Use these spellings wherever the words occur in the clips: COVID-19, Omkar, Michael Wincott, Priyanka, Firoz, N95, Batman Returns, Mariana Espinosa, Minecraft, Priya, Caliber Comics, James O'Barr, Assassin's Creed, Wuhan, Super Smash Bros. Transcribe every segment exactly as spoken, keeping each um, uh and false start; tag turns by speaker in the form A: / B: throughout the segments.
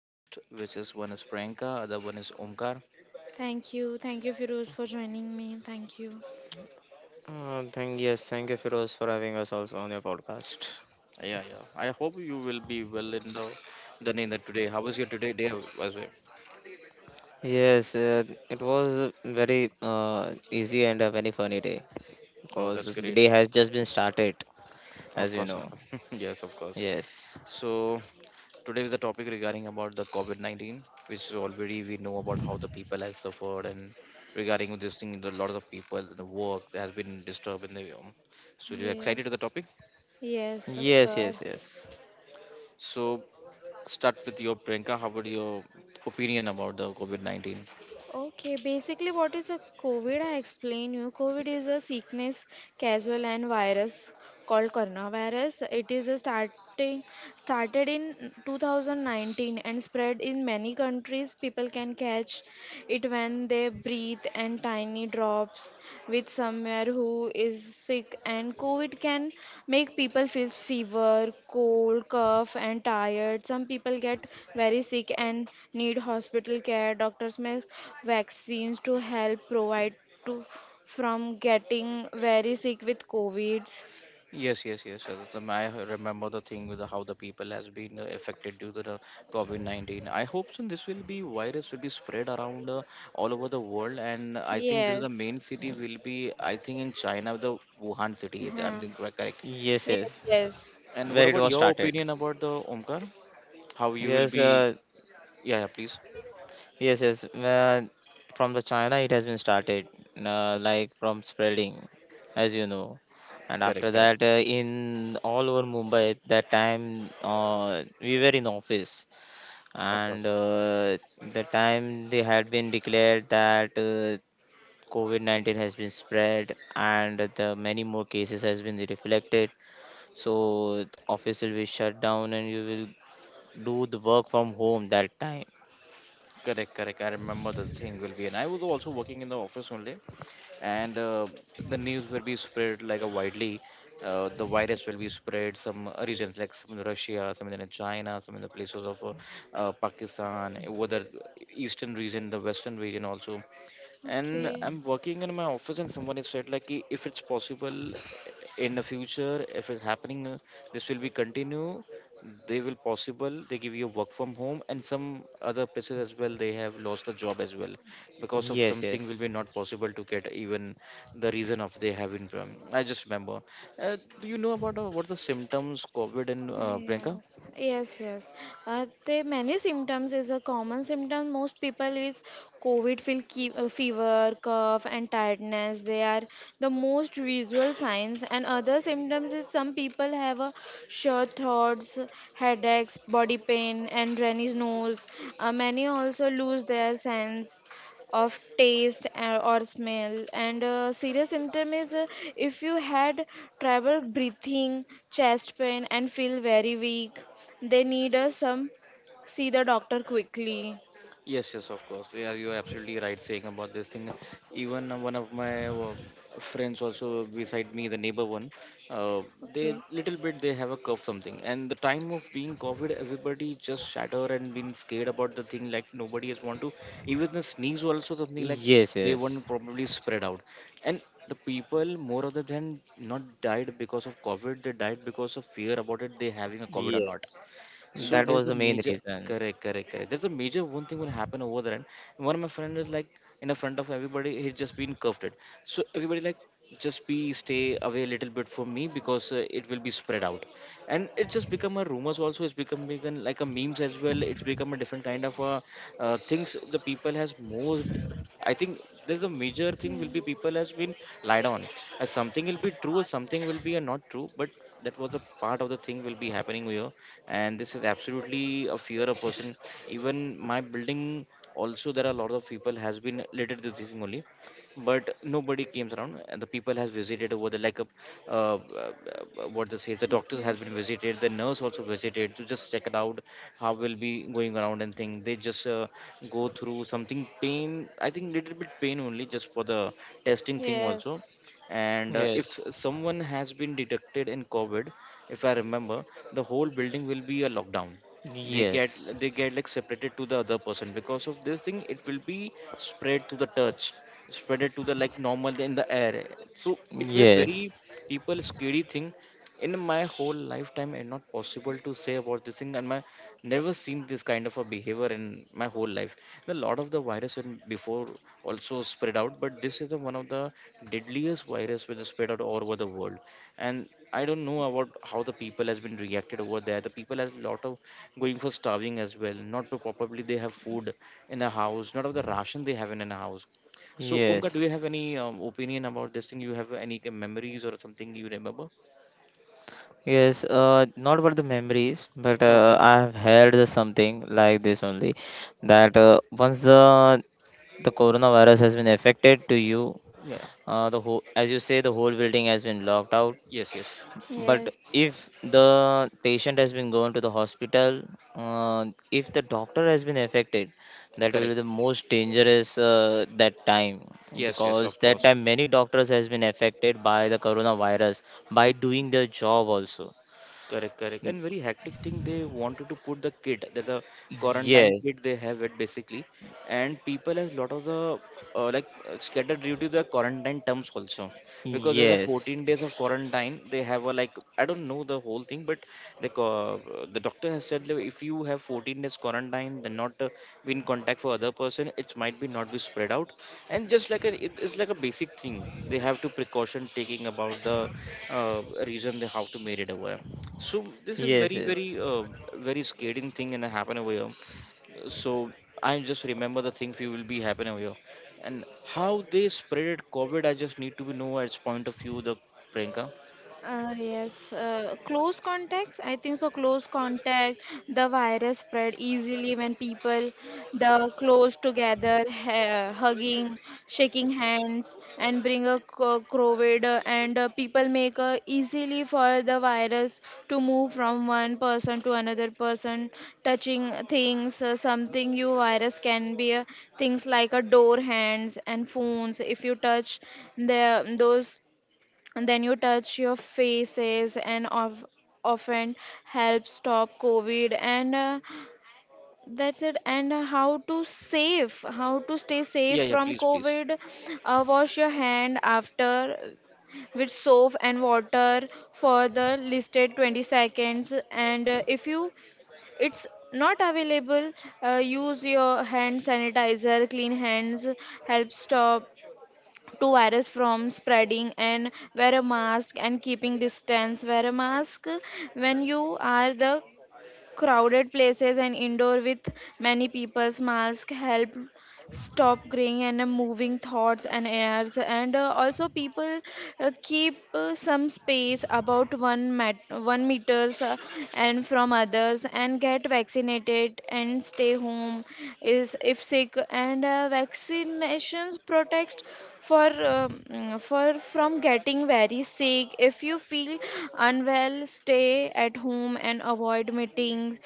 A: hosts, which is one is Priyanka, other one is Omkar.
B: Thank you. Thank you, Firoz, for joining me. Thank you.
C: Uh, thank yes, thank you, Firoz, for having us also on your podcast.
A: Yeah, yeah. I hope you will be well in the done in the today. How was your today day? Was it?
C: Yes, uh, it was a very uh, easy and a very funny day
A: Oh,
C: because
A: that's
C: the the
A: great.
C: day has just been started,
A: Of
C: as you
A: course, of
C: know.
A: course. Yes, of course.
C: Yes,
A: So today is the topic regarding about the COVID nineteen, which is already we know about how the people has suffered and regarding this thing, the lot of people, the work has been disturbed in the um. So you excited
B: Yes.
A: to the topic?
B: Yes, of
C: yes, yes,
B: course.
C: yes,
A: So start with your Priyanka. How about your opinion about the COVID nineteen?
B: Okay, basically, what is a COVID? I explain you. COVID is a sickness, casual, and virus called coronavirus. It is a starting started in two thousand nineteen and spread in many countries. People can catch it when they breathe and tiny drops with somewhere who is sick, and COVID can make people feel fever, cold, cough and tired. Some people get very sick and need hospital care. Doctors make vaccines to help provide to from getting very sick with COVID.
A: Yes, yes, yes, sir. The- I remember the thing with the, how the people has been uh, affected due to the COVID nineteen. I hope soon this will be virus will be spread around uh, all over the world, and I think this is the
B: Yes.
A: main city will be I think in China the Wuhan city, if I'm
B: Huh.
A: think correct, correct.
C: yes,
B: Yes,
C: yes.
B: yes.
A: And what
C: Where it
A: about
C: was
A: your
C: started.
A: opinion about the Omkar? How you will
C: Yes,
A: be?
C: uh,
A: Yeah, yeah, please.
C: yes, yes. Uh, from the China, it has been started, uh, like from spreading, as you know. And after
A: Correct, correct.
C: that, uh, in all over Mumbai, at that time, uh, we were in office
A: Of course.
C: and uh, the time they had been declared that uh, covid nineteen has been spread and the many more cases has been reflected so the office will be shut down and you will do the work from home that time.
A: Correct, correct. I remember the thing will be, and I was also working in the office only, and uh, the news will be spread like a widely. Uh, the virus will be spread some uh, regions like some in Russia, some in China, some in the places of uh, uh, Pakistan, over the eastern region, the western region also, and
B: Okay.
A: I'm working in my office and someone has said like, "Ki, if it's possible in the future if it's happening uh, this will be continue they will possible they give you work from home and some other places as well they have lost the job as well because of
C: Yes,
A: something will
C: yes,
A: be not possible to get even the reason of they have in." I just remember, uh, do you know about uh, what the symptoms covid and uh, Priyanka?
B: Yes, yes, yes. Uh, the many symptoms is a common symptom. Most people with COVID feel ke- uh, fever, cough, and tiredness. They are the most visual signs. And other symptoms is some people have a short throats, headaches, body pain, and runny nose. Uh, many also lose their sense of taste uh, or smell, and uh, serious symptom is, uh, if you had trouble breathing, chest pain and feel very weak, they need uh, some see the doctor quickly.
A: Yes, yes, of course. Yeah, you are absolutely right saying about this thing. Even uh, one of my uh, friends, also beside me, the neighbor one, uh, they
B: Okay.
A: little bit they have a cough something. And the time of being COVID, everybody just shatter and been scared about the thing. Like nobody has want to even the sneeze also something like
C: yes,
A: they
C: yes,
A: want probably spread out. And the people more other than not died because of COVID, they died because of fear about it. They having a COVID or
C: yeah,
A: not. So
C: that
B: Yeah.
A: there's
C: was
A: a
C: the main
A: major
C: reason.
A: correct, correct, correct. There's a major one thing will happen over there, and one of my friend is like in the front of everybody, he's just been cuffed it. So everybody like just be stay away a little bit from me because uh, it will be spread out, and it just become a rumors also. It's become become like a memes as well. It's become a different kind of uh, uh, things. The people has most, I think, there's a major thing
B: Yeah.
A: will be people has been lied on. As something will be true, something will be a not true, but that was a part of the thing will be happening here, and this is absolutely a fear a person, even my building also, there are a lot of people has been related to this thing only, but nobody came around and the people has visited over the like a, uh, uh, uh, what they say, the doctors
B: Okay.
A: has been visited, the nurse also visited to just check it out how will be going around and thing they just uh, go through something pain, I think little bit pain only just for the testing thing
B: Yes,
A: also. And uh, if
C: Yes,
A: someone has been detected in covid, if I remember, the whole building will be a lockdown. They
C: yes,
A: get they get like separated to the other person because of this thing. It will be spread to the touch, spread it to the like normal in the air. So it were
C: yes,
A: very people scary thing. In my whole lifetime, and not possible to say about this thing, and my never seen this kind of a behavior in my whole life. A lot of the virus in before also spread out, but this is the one of the deadliest virus which is spread out all over the world, and I don't know about how the people has been reacted over there, the people has a lot of going for starving as well, not pro- probably they have food in the house, not of the ration they have in a house. So umka, do
C: yes.
A: you have any um, opinion about this thing, you have any k- memories or something you remember?
C: Yes, uh, Not about the memories, but uh,
A: Okay.
C: I have heard the something like this only that uh, once the the coronavirus has been affected to you,
A: Yeah.
C: uh, the whole as you say the whole building has been locked out.
A: Yes, yes.
C: But
B: yes.
C: if the patient has been gone to the hospital, uh, if the doctor has been affected, that will be
A: Correct.
C: the most dangerous uh, that time
A: Yes, yes, of
C: because that
A: course.
C: time many doctors has been affected by the coronavirus by doing their job also.
A: Correct, correct. And very hectic thing. They wanted to put the kit. There's a quarantine
C: Yes,
A: kit they have it basically, and people has lot of the uh, like uh, scattered due to the quarantine terms also, because there's a
C: yes,
A: fourteen days of quarantine. They have a like, I don't know the whole thing, but the co- uh, the doctor has said that if you have fourteen days quarantine, then not uh, be in contact for other person, it might be not be spread out. And just like a it- it's like a basic thing, they have to precaution taking about the uh, reason they how to made it aware. So this is
C: yes,
A: very
C: yes,
A: very uh, very scaring thing and happen over here. So I just remember the thing we will be happen over here, and how they spread COVID. I just need to be know at point of view the Priyanka.
B: Uh, yes, uh, close contacts. I think so. Close contact, the virus spread easily when people the close together, ha hugging, shaking hands, and bring a co- COVID, uh, and uh, people make uh, easily for the virus to move from one person to another person, touching things. Uh, something you virus can be uh, things like a door hands and phones. If you touch the those and then you touch your faces and of, often help stop covid, and uh, that's it. And how to save, how to stay safe
A: Yeah, yeah,
B: from
A: please, please.
B: covid, uh, wash your hand after with soap and water for the listed twenty seconds, and uh, if you it's not available, uh, use your hand sanitizer, clean hands help stop to virus from spreading. And wear a mask and keeping distance, wear a mask when you are the crowded places and indoor with many people's. Mask help stop graying and uh, moving thoughts and airs. And uh, also people uh, keep uh, some space about one mat- one meters, uh, and from others. And get vaccinated and stay home is if sick. And uh, vaccinations protect for um, mm, for from getting very sick. If you feel unwell, stay at home and avoid meetings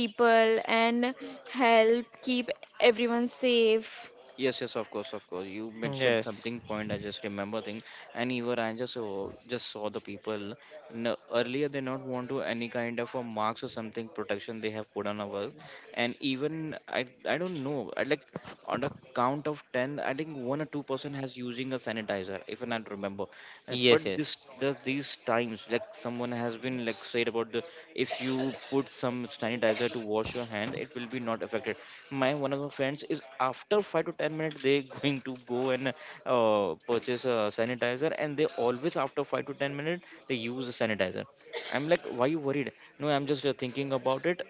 B: people, and help keep everyone safe.
A: Yes, yes, of course, of course. You mentioned
C: yes,
A: something point. I just remember thing, and even I just oh, just saw the people. No, earlier they not want to any kind of a marks or something protection they have put on our, and even I I don't know. I like on a count of ten, I think one or two person has using a sanitizer, if I not remember, uh, but
C: yes,
A: this
C: yes,
A: the, these times like someone has been like said about the if you put some sanitizer to wash your hand it will be not affected. My one of my friends is after five to ten minutes they going to go and uh, purchase a sanitizer and they always after five to ten minutes they use a sanitizer. I'm like, why you worried? No, I'm just uh, thinking about it.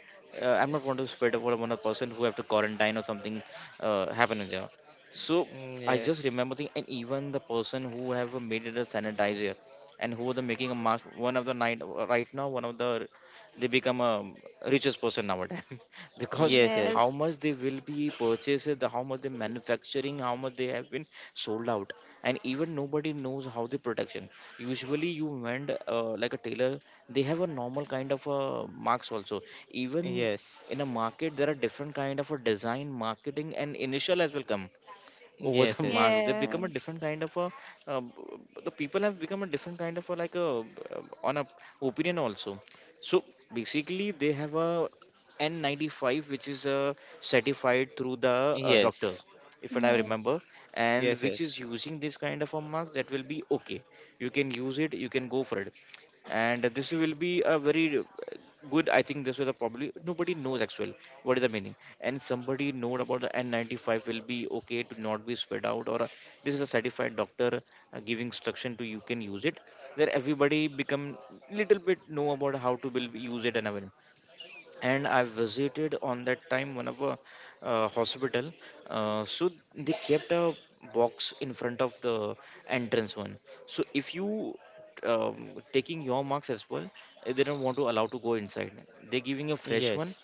A: uh, I'm not want to spread about one of person who have to quarantine or something uh, happen in there. So I just
C: yes,
A: remember thing, and even the person who have made it a sanitizer, and who the making a mask. One of the night right now, one of the they become a richest person nowadays because how
C: yes,
B: Yes.
A: much they will be purchased, the how much they manufacturing, how much they have been sold out, and even nobody knows how the protection. Usually, you went uh, like a tailor, they have a normal kind of a marks also. Even
C: yes,
A: in a market, there are different kind of a design, marketing, and initial as well come over the
C: yes, yes, yes,
A: marks, they become a
B: Yes.
A: different kind of a um, b- b- the people have become a different kind of a like a um, on a opinion also. So basically they have a N ninety-five, which is uh, certified through the uh,
C: yes,
A: doctors,
B: Yes.
A: if
B: Yes.
A: I
B: Yes. Yes.
A: remember,
B: Yes.
A: and
C: yes,
A: which
C: yes,
A: is using this kind of a marks that will be okay, you can use it, you can go for it, and this will be a very uh, good, I think this was a probably nobody knows actually what is the meaning, and somebody know about the N ninety-five will be okay to not be spread out or uh, this is a certified doctor uh, giving instruction to you can use it, where everybody become little bit know about how to will use it and everything. And I visited on that time one of a uh, hospital. Uh, so they kept a box in front of the entrance one. So if you um, taking your marks as well, eh, they don't want to allow to go inside. They're giving a fresh
C: yes,
A: one.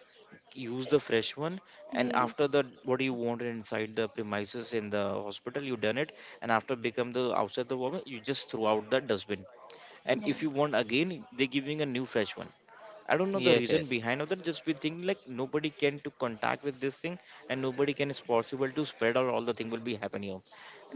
A: Use the fresh one, and after that, what you want inside the premises in the hospital, you done it, and after become the outside the woman, you just throw out the dustbin. And if you want again, they're giving a new fresh one. I don't know the reason
C: yes,
A: behind of that. Just we think like nobody can to contact with this thing, and nobody can is possible to spread or all the thing will be happening. Of.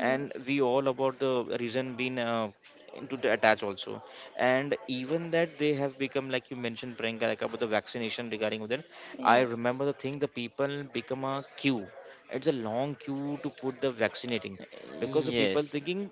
A: And we all about the reason being uh, into the attach also, and even that they have become like you mentioned, Priyanka, like about the vaccination regarding with that. I remember the thing the people become a queue. It's a long queue to put the vaccinating because the people
C: yes, yes,
A: thinking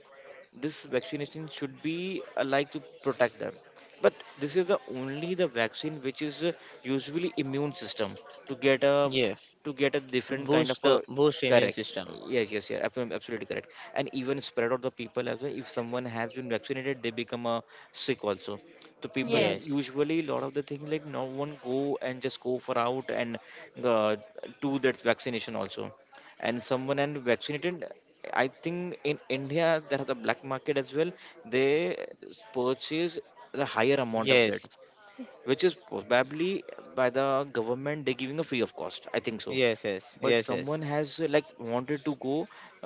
A: this vaccination should be uh, like to protect them but this is the only the vaccine which is uh, usually immune system to get a
C: yes.
A: to get a
C: To
A: different kind
C: boost
A: of a
C: the boost immune
A: correct.
C: system.
A: Yes, yes, yeah, ab- absolutely correct. And even spread of the people as well, if someone has been vaccinated they become uh, sick also, so people
C: Yes,
A: usually a lot of the things like no one go and just go for out and uh, do that vaccination also. And someone and vaccinated, I think in India there are the black market as well. They purchase the higher amount of that,
C: yes,
A: which is probably by the government they're giving a free of cost, I think so.
C: yes, yes,
A: But someone
C: yes,
A: has uh, like wanted to go,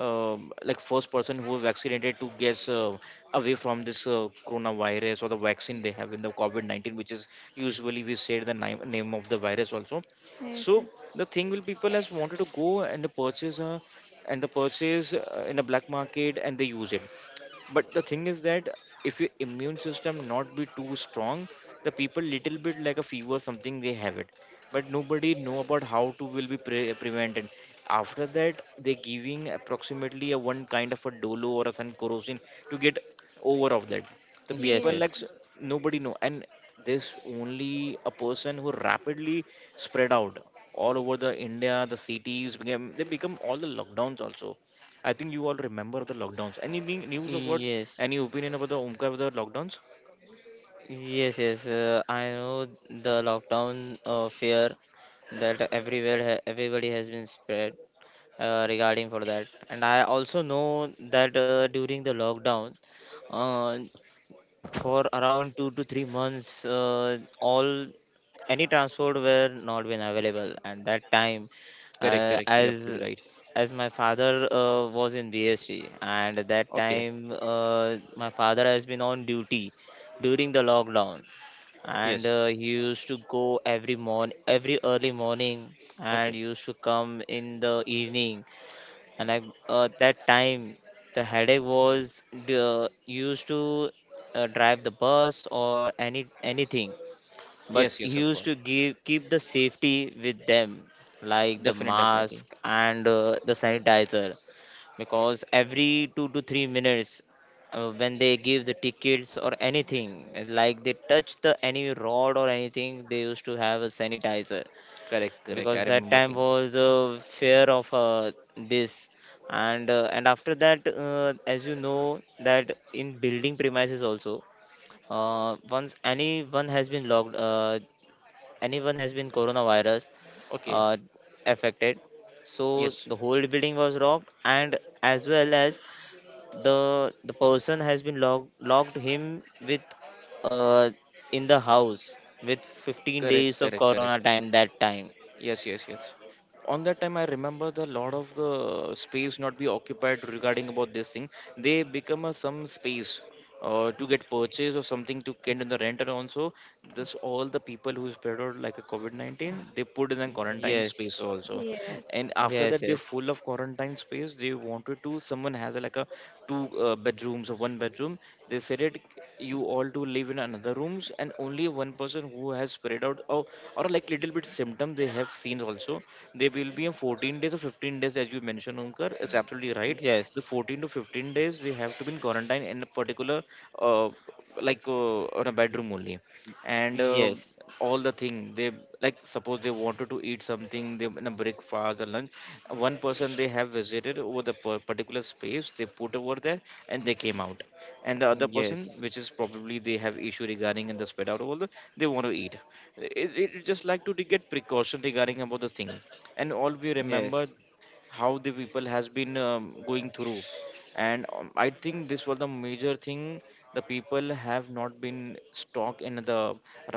A: um, like first person who was vaccinated to get uh, away from this uh, coronavirus or the vaccine they have in the covid nineteen, which is usually we say the ni- name of the virus also. So the thing will people has wanted to go and the purchase uh, and the purchase uh, in a black market and they use it. But the thing is that if your immune system not be too strong, the people little bit like a fever something they have it, but nobody know about how to will be pre- prevented. After that they giving approximately a one kind of a dolo or a sun corrosion to get over of that, the
C: yes,
A: people
B: Yes.
A: like
C: yes,
A: s- nobody know. And this only a person who rapidly spread out all over the India, the cities became, they become all the lockdowns also. I think you all remember the lockdowns. Any ne- news of what?
C: yes,
A: Any
C: yes.
A: opinion about the Omkar with the lockdowns?
C: Yes, yes. Uh, I know the lockdown uh, fear that everywhere ha everybody has been spread uh, regarding for that, and I also know that uh, during the lockdown, uh, for around two to three months, uh, all any transport were not been available, and that time,
A: Correct,
C: uh,
A: correct. You're absolutely
C: as
A: right.
C: as my father uh, was in B S T, and at that
A: Okay.
C: time, uh, my father has been on duty during the lockdown, and
A: Yes.
C: uh, he used to go every morning every early morning and
A: Okay.
C: used to come in the evening. And I uh, that time the headache was uh, used to uh, drive the bus or any anything, but
A: Yes,
C: he
A: yes, of
C: used to
A: course.
C: give keep the safety with them like the
A: Definitely, definitely.
C: mask and uh, the sanitizer because every two to three minutes uh, when they give the tickets or anything like they touch the any rod or anything they used to have a sanitizer
A: Correct, correct. I
C: because that
A: remember
C: time
A: thing.
C: was uh, fear of uh, this. And uh, and after that uh, as you know that in building premises also uh, once anyone has been logged uh, anyone has been coronavirus
A: Okay.
C: uh, affected so
A: Yes.
C: the whole building was locked and as well as the the person has been locked locked him with uh, in the house with fifteen
A: Correct,
C: days of
A: correct, correct.
C: corona time that time.
A: Yes, yes, yes. On that time, I remember the lot of the space not be occupied regarding about this thing. They become a some space uh, to get purchase or something to get in the rent and also this all the people who is spread out like a COVID nineteen they put in a
C: Yes,
A: quarantine
C: yes,
A: space also.
B: Yes. Yes.
A: And after that they're
C: yes,
A: full of quarantine space, they wanted to someone has a, like a two uh, bedrooms or one bedroom, they said it you all to live in another rooms and only one person who has spread out or, or like little bit symptom they have seen also, they will be in fourteen days or fifteen days as you mentioned Omkar, it's absolutely right. The
C: yes,
A: fourteen to fifteen days they have to be in quarantine in a particular uh, like uh, on a bedroom only. And uh,
C: yes,
A: all the thing they like suppose they wanted to eat something, they in a breakfast or lunch, one person they have visited over the per- particular space they put over there and they came out, and the
C: yes,
A: other person
C: yes,
A: which is probably they have issue regarding in the spread out all the they want to eat it, it it just like to de- get precaution regarding about the thing. And all we remember
C: yes,
A: how the people has been um, going through. And um, I think this was the major thing, the people have not been stock in the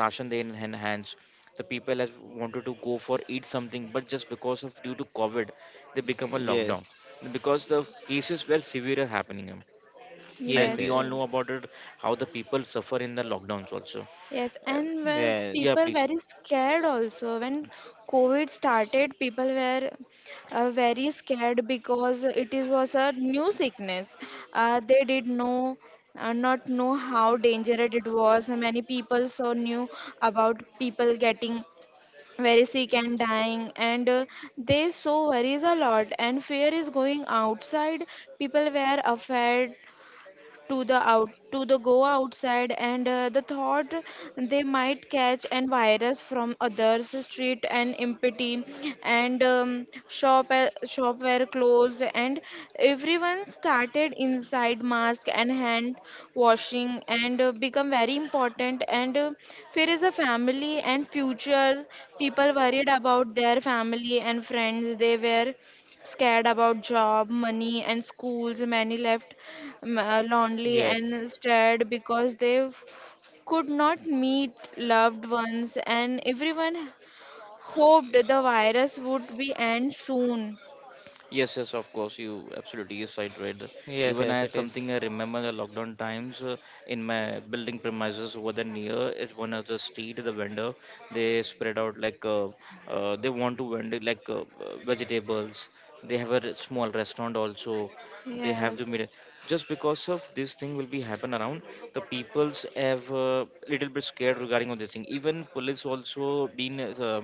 A: ration they in hand- hands. The people has wanted to go for eat something but just because of due to covid they become a
C: yes,
A: lockdown, because the cases were severe are happening and
C: yes, yes,
A: we
B: Yes, yes,
A: all know
C: yes,
A: about it, how the people suffer in the lockdowns also.
B: yes,
A: Uh,
B: and when
A: yeah,
B: people
A: please.
B: very scared also. When COVID started, people were uh, very scared because it is was a new sickness. Uh, they did know uh, not know how dangerous it was. Many people so knew about people getting very sick and dying, and uh, they so worries a lot. And fear is going outside. People were afraid to the out to the go outside, and uh, the thought they might catch and virus from others. Street and empty, and um, shop uh, shop were closed, and everyone started inside mask and hand washing, and uh, become very important. And uh, fear is a family and future. People worried about their family and friends. They were scared about job, money, and schools. Many left um, uh, lonely and scared because they f- could not meet loved ones, and everyone hoped the virus would be end soon.
A: Yes, yes, of course. You absolutely yes, I read.
C: yes, yes,
A: Even
C: it
A: I
C: is.
A: something I remember the lockdown times uh, in my building premises over the near is one of the street the vendor, they spread out like uh, uh, they want to vend it like uh, uh, vegetables. They have a re- small restaurant also. They have
B: Yes,
A: the middle. Just because of this thing will be happen around, the peoples have uh, little bit scared regarding on this thing. Even police also been uh,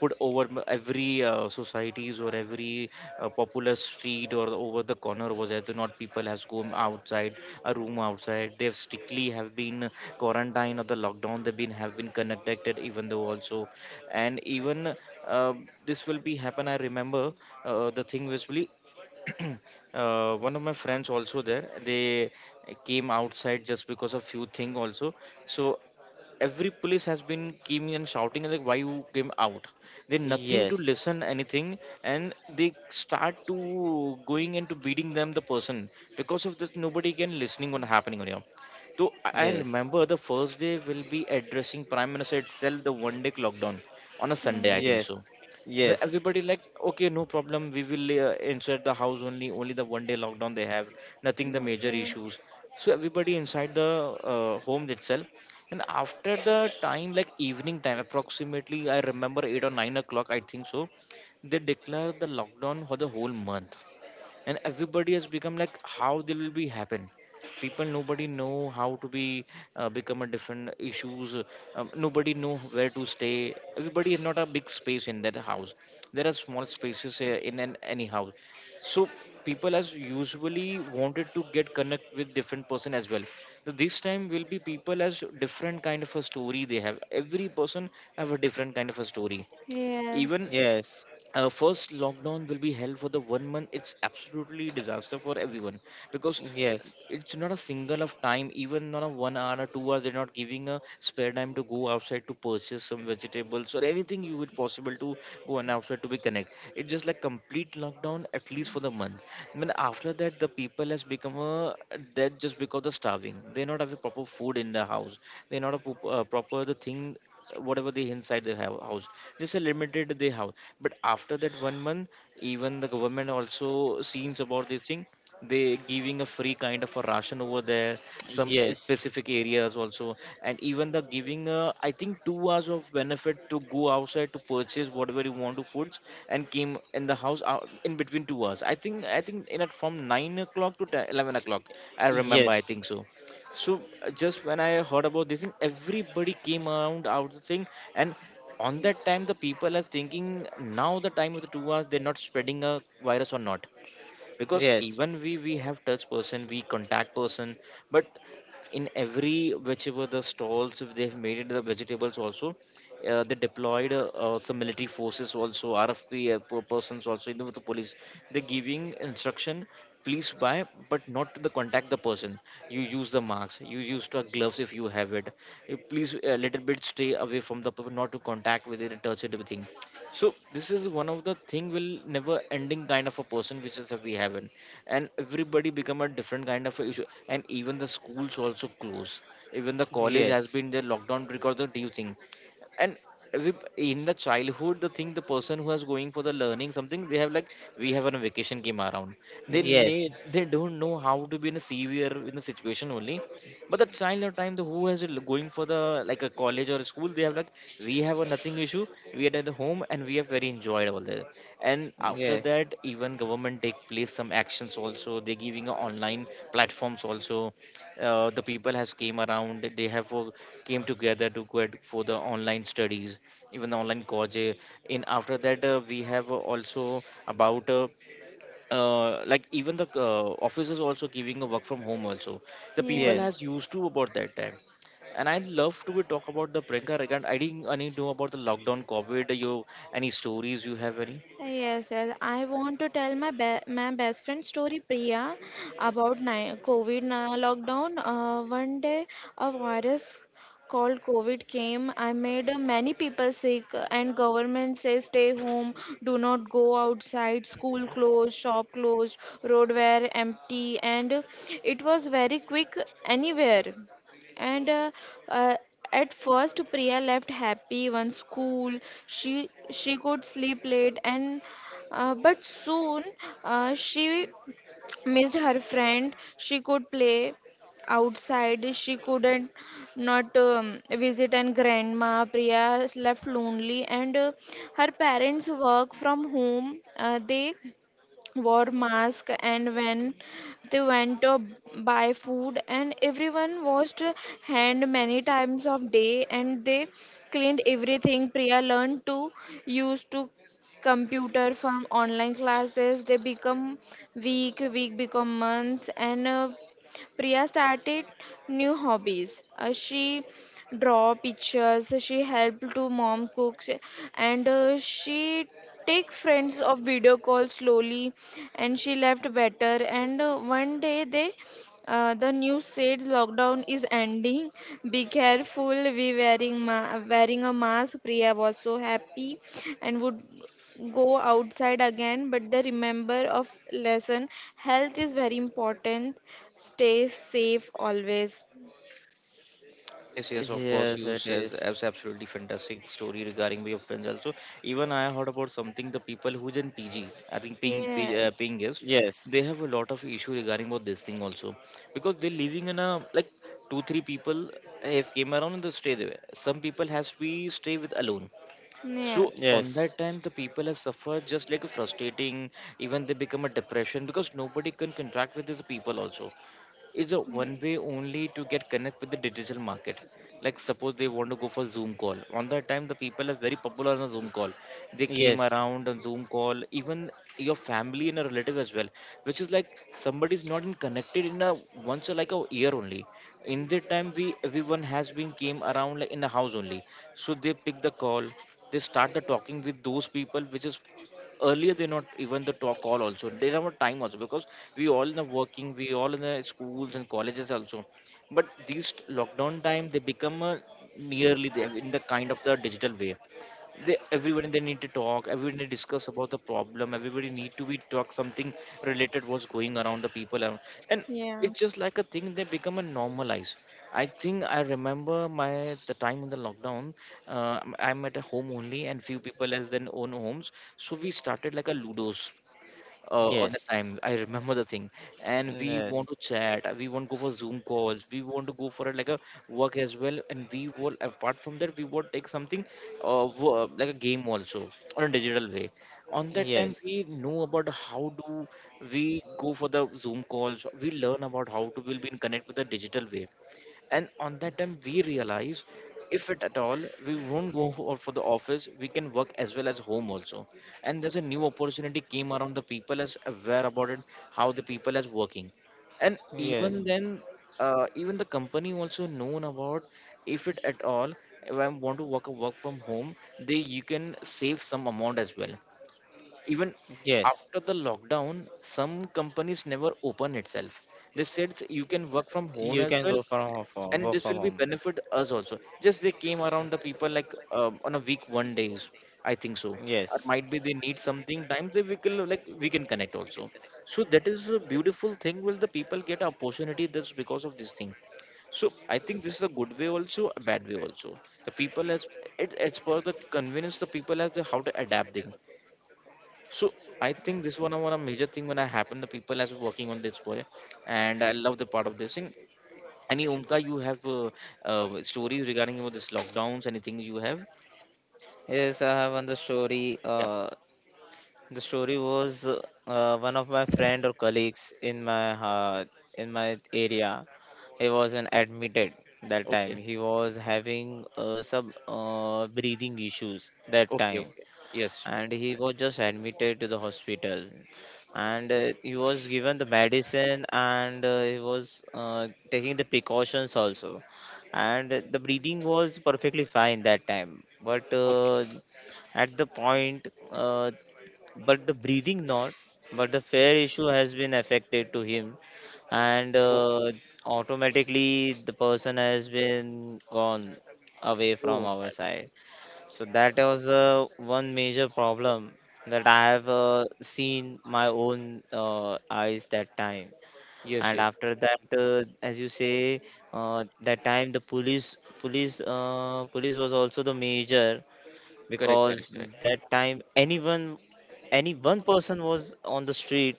A: put over m- every uh, societies or every uh, popular street or over the corner was there, do not people has gone outside a room outside, they've strictly have been quarantined or the lockdown they've been have been connected even though also. And even uh, this will be happen I remember, uh, the thing was really uh, one of my friends also there, they came outside just because of few thing also. So every police has been came and shouting like why you came out, they nothing to
C: Yes,
A: listen anything. And they start to going into beating them the person, because of this nobody can listening on happening on here. So i
C: yes,
A: I
C: yes,
A: remember the first day will be addressing prime minister itself the one day lockdown on a
C: yes,
A: Sunday
C: yes,
A: I
C: yes,
A: think
B: yes.
A: so.
C: yes, yes,
A: The-
C: yes, yes,
A: everybody like okay no problem, we will uh, inside the house only, only the one day lockdown they have, nothing the major
B: Okay,
A: issues. So everybody inside the uh, home itself, and after the time like evening time approximately I remember eight or nine o'clock I think so, they declare the lockdown for the whole month. And everybody has become like how they will be happen, people nobody know how to be uh, become a different issues. uh, um, nobody know where to stay, everybody is not a big space in that house, there are small spaces uh, in an, any house. So people as usually wanted to get connect with different person as well. So this time will be people as different kind of a story they have, every person have a different kind of a story.
B: yes,
A: Even
C: yes,
A: uh, first lockdown will be held for the one month, it's absolutely disaster for everyone, because uh,
C: yes,
A: it's not a single of time, even not a one hour or two hours they're not giving a spare time to go outside to purchase some vegetables or anything you would possible to go and outside to be connect, it's just like complete lockdown at least for the month. Then after that the people has become a dead, just because of starving they not have a proper food in the house, they not a pop- uh, proper the thing whatever they inside the hou- house, just a limited the house. But after that one month, even the government also seems about this thing, they giving a free kind of a ration over there, some uh, specific areas also. And even the giving uh, I think two hours of benefit to go outside to purchase whatever you want to foods, and came in the house out in between two hours, I think i think in at from nine o'clock to ten, eleven o'clock, I remember I think so. So uh, just when I heard about this thing, everybody came around out the thing, and on that time the people are thinking now the time of the two hours, they're not spreading a virus or not, because even we we have touch person we contact person. But in every whichever the stalls if they've made it the vegetables also, uh, they deployed uh, uh, some military forces also rfp uh, per- persons also even with the police, they're giving instruction, please buy but not to the contact the person, you use the marks, you use the gloves if you have it. You please a little bit stay away from the people, not to contact with it, touch it everything. So this is one of the thing will never ending kind of a person which is we have not. And everybody become a different kind of a issue, and even the schools also close, even the college has been the lockdown because of the new thing. And rep- in the childhood the thing the person who is going for the learning something, they have like we have on a vacation came around, they need they don't know how to be in a severe in the situation only. But the child of time the who has a l- going for the like a college or a school, they have like we have a nothing issue, we are at home and we have very enjoyable there. And after that even government take place some actions also, they giving a online platforms also, uh, the people has came around, they have uh, came together to go at- for the online studies, even the online college. uh, in after that uh, we have uh, also about uh, uh, like even the uh, offices also giving a work from home also, the people
B: yeah.
A: has
C: yes,
A: used to about that time. And I'd love to talk about the Priyanka regard. I didn't, I need to know about the lockdown, COVID. You Any stories you have any?
B: Yes, yes. I want to tell my be my best friend story, Priya, about ni COVID na- lockdown. Uh, one day, a virus called COVID came. I made uh, many people sick, and government says stay home, do not go outside, school closed, shop closed, road were empty, and it was very quick anywhere. And uh, uh, at first, Priya left happy one school. She she could sleep late, and uh, but soon uh, she missed her friend. She could play outside. She couldn't not um, visit and grandma. Priya left lonely, and uh, her parents work from home. Uh, they wore masks and when they went to buy food, and everyone washed hand many times of day, and they cleaned everything. Priya learned to use to computer from online classes. They become week week become months. And uh, Priya started new hobbies. Uh, she draw pictures, she helped to mom cooks, and uh, she take friends of video call slowly, and she left better. And uh, one day they, uh, the news said lockdown is ending. Be careful, we wearing ma- wearing a mask. Priya was so happy and would go outside again, but the remember of lesson, health is very important, stay safe always.
A: Yes, yes, of course.
C: yes,
A: You
C: it
A: says
C: is.
A: abs- absolutely fantastic story regarding Bay of Pens. Also, even I heard about something. The people who's in P G, I think paying pay, uh,
B: Yes.
A: paying guest,
C: Yes,
A: they have a lot of issue regarding about this thing also, because they're living in a like two three people have came around and they stay there. Some people has to be stay with alone. So
B: Yes.
A: on
C: yes,
A: that time, the people have suffered just like a frustrating. Even they become a depression because nobody can contract with these people also, is a one way
B: Yes.
A: only to get connect with the digital market, like suppose they want to go for Zoom call. On that time the people are very popular on the Zoom call, they came
C: yes,
A: around on Zoom call, even your family and a relative as well, which is like somebody is not in connected in a once or like a year only. In that time we everyone has been came around like in the house only, so they pick the call, they start the talking with those people which is earlier they not even the talk call also, they don't time also, because we all in the working, we all in the schools and colleges also. But these t- lockdown time they become a nearly the, in the kind of the digital way. They everybody they need to talk, everybody discuss about the problem, everybody need to be talk something related what's going around the people around. And
B: Yeah.
A: it's just like a thing they become a normalized. I think I remember my the time in the lockdown, uh, i'm I'm at a home only, and few people has then own homes, so we started like a ludos, uh, on the
C: yes,
A: time I remember the thing. And we want
C: yes.
A: to chat, uh, we want to go for Zoom calls, we want to go for a, like a work as well, and we will, apart from that, we would take something, uh, wo- like a game also, on a digital way. On that time
C: Yes.
A: we know about how do we go for the Zoom calls, we learn about how to will be in connect with the digital way. And on that time we realize, if it at all, we won't go for for the office, we can work as well as home also. And there's a new opportunity came around, the people as aware about it, how the people as working, and even
C: Yes,
A: then, uh, even the company also known about, if it at all, if I want to work work from home, they you can save some amount as well. Even
C: yes,
A: after the lockdown, some companies never open itself, they said you can work from home
C: you
A: as
C: can
A: well,
C: go from ho- for
A: and
C: work
A: this
C: from
A: will be
C: home.
A: benefit us also, just they came around the people like, uh, on a week one days, I think so, or
C: Yes,
A: might be they need something times, they we can, like, we can connect also. So that is a beautiful thing will the people get opportunity, that's because of this thing. So I think this is a good way also, a bad way also. The people as, it, it's for the convenience, the people as the how to adapting. So I think this one of one of major thing when I happen the people as working on this boy, and I love the part of this thing. Any Umka, you have, uh, uh, stories regarding about this lockdowns? Anything you have?
C: yes, I have one the story.
A: Yeah.
C: Uh, the story was uh, one of my friend or colleagues in my uh, in my area. He wasn't admitted that
A: Okay.
C: time. He was having uh, some uh, breathing issues that
A: Okay.
C: time.
A: Okay. Yes.
C: And he was just admitted to the hospital and uh, he was given the medicine and uh, he was uh, taking the precautions also and the breathing was perfectly fine that time but uh,
A: Okay.
C: at the point uh, but the breathing not but the fair issue has been affected to him and
A: Oh,
C: uh, automatically the person has been gone away from
A: oh my
C: our side.
A: goodness.
C: So that was the one major problem that I have uh, seen my own uh, eyes that time.
A: Yes.
C: And
A: Yes.
C: after that, uh, as you say, uh, that time the police, police, uh, police was also the major
A: Correct. Correct.
C: because
A: Correct.
C: that time anyone, any one person was on the street,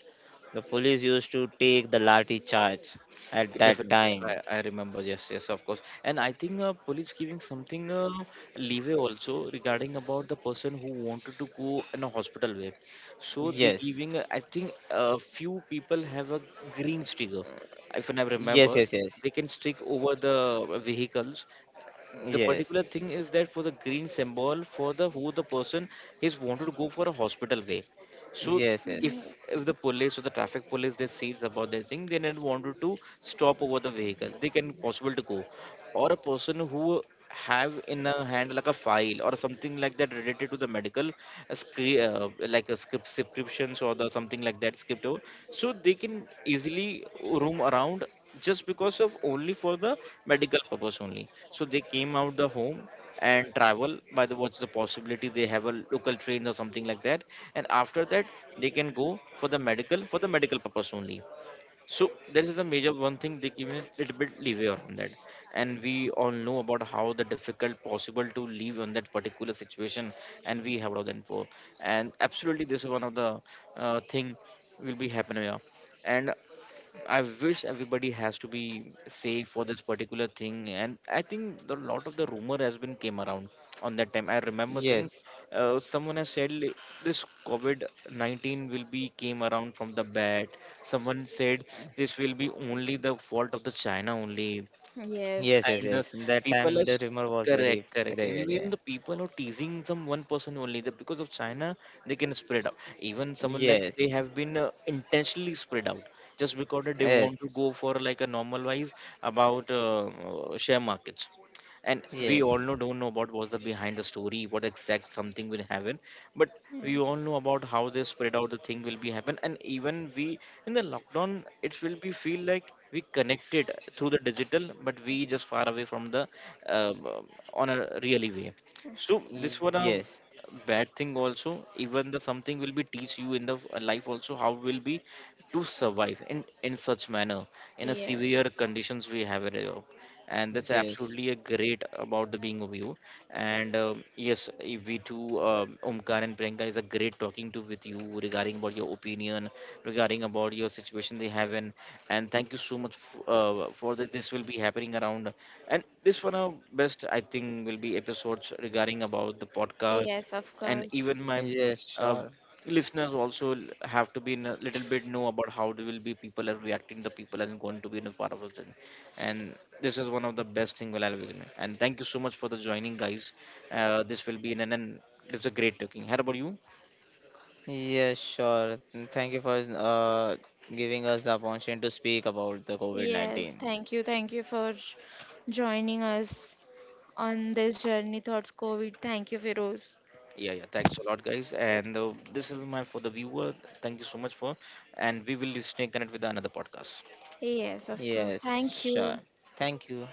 C: the police used to take the lathi charge at that
A: Definitely,
C: time.
A: I, I remember. Yes, yes, of course. And I think, uh, police giving something, uh, leeway also regarding about the person who wanted to go in a hospital way. So they
C: Yes,
A: giving, uh, I think a few people have a green sticker, if I
C: yes,
A: remember.
C: yes, yes,
A: They can stick over the vehicles, the
C: yes,
A: particular thing is that for the green symbol for the who the person is wanted to go for a hospital way. So
C: yes, yes,
A: if if
B: Yes.
A: the police or the traffic police, they sees about their thing, they don't wanted to stop over the vehicle, they can possible to go, or a person who have in a hand like a file or something like that related to the medical, a scre- uh, like a script subscriptions or the something like that script over, so they can easily roam around, just because of only for the medical purpose only, so they came out the home and travel by the what's the possibility, they have a local train or something like that, and after that they can go for the medical for the medical purpose only. So there is the major one thing, they give me a little bit leeway on that, and we all know about how the difficult possible to live on that particular situation, and we have done for, and absolutely this is one of the uh, thing will be happening here, and I wish everybody has to be safe for this particular thing. And I think a lot of the rumor has been came around on that time. I remember thing,
C: yes.
A: uh, someone has said li- this COVID nineteen will be came around from the bat. Someone said this will be only the fault of the China only,
B: Yes.
C: Yes, yes,
A: and uh,
C: yes. That
A: people
C: time
A: are
C: the
A: s-
C: rumor was
A: correct,
C: very,
A: correct,
C: very,
A: and
C: very. uh,
A: even the people who teasing some one person only that because of China, they can spread out, even someone like they
C: Yes,
A: have been, uh, intentionally spread out, just because that they want
C: yes,
A: to go for like a normal wise about, uh, uh, share markets. And we
C: yes,
A: all know don't know about what's the behind the story, what exact something will happen, but we all know about how they spread out the thing will be happen, and even we in the lockdown, it will be feel like we connected through the digital, but we just far away from the, uh, um, on a really way. So this was
C: yes,
A: a bad thing also, even the something will be teach you in the uh, life also, how will be to survive in in such manner, in a
B: Yeah.
A: severe
B: Yes.
A: conditions we have it here. And that's
C: yes,
A: absolutely a great about the being of you, and um yes, eh, we too, um, Omkar and Priyanka is a great talking to with you, regarding about your opinion, regarding about your situation they have in, and thank you so much f- uh, for that this will be happening around, and this one of best, I think, will be episodes regarding about the podcast.
B: Yes, of
A: And
B: course.
A: even my
C: yes,
A: uh,
C: sure.
A: listeners also l- have to be in a little bit know about how they will be people are reacting, the people and going to be in a part of it, and this is one of the best thing we will I'll visit. And thank you so much for the joining, guys. Uh, this will be an and an- it's a great talking. How about you?
C: Yes, sure. Mm, thank you for uh giving us the opportunity to speak about the
B: Yes,
C: COVID nineteen.
B: thank you. Thank you for j- joining us on this journey towards COVID. Thank you, Feroz.
A: Yeah, yeah. Thanks a lot, guys. And uh, this is my for the viewer. Thank you so much for, and we will stay connected with another podcast.
B: Yes, of course.
C: Yes,
B: Thank
C: sure.
B: you.
C: Thank you.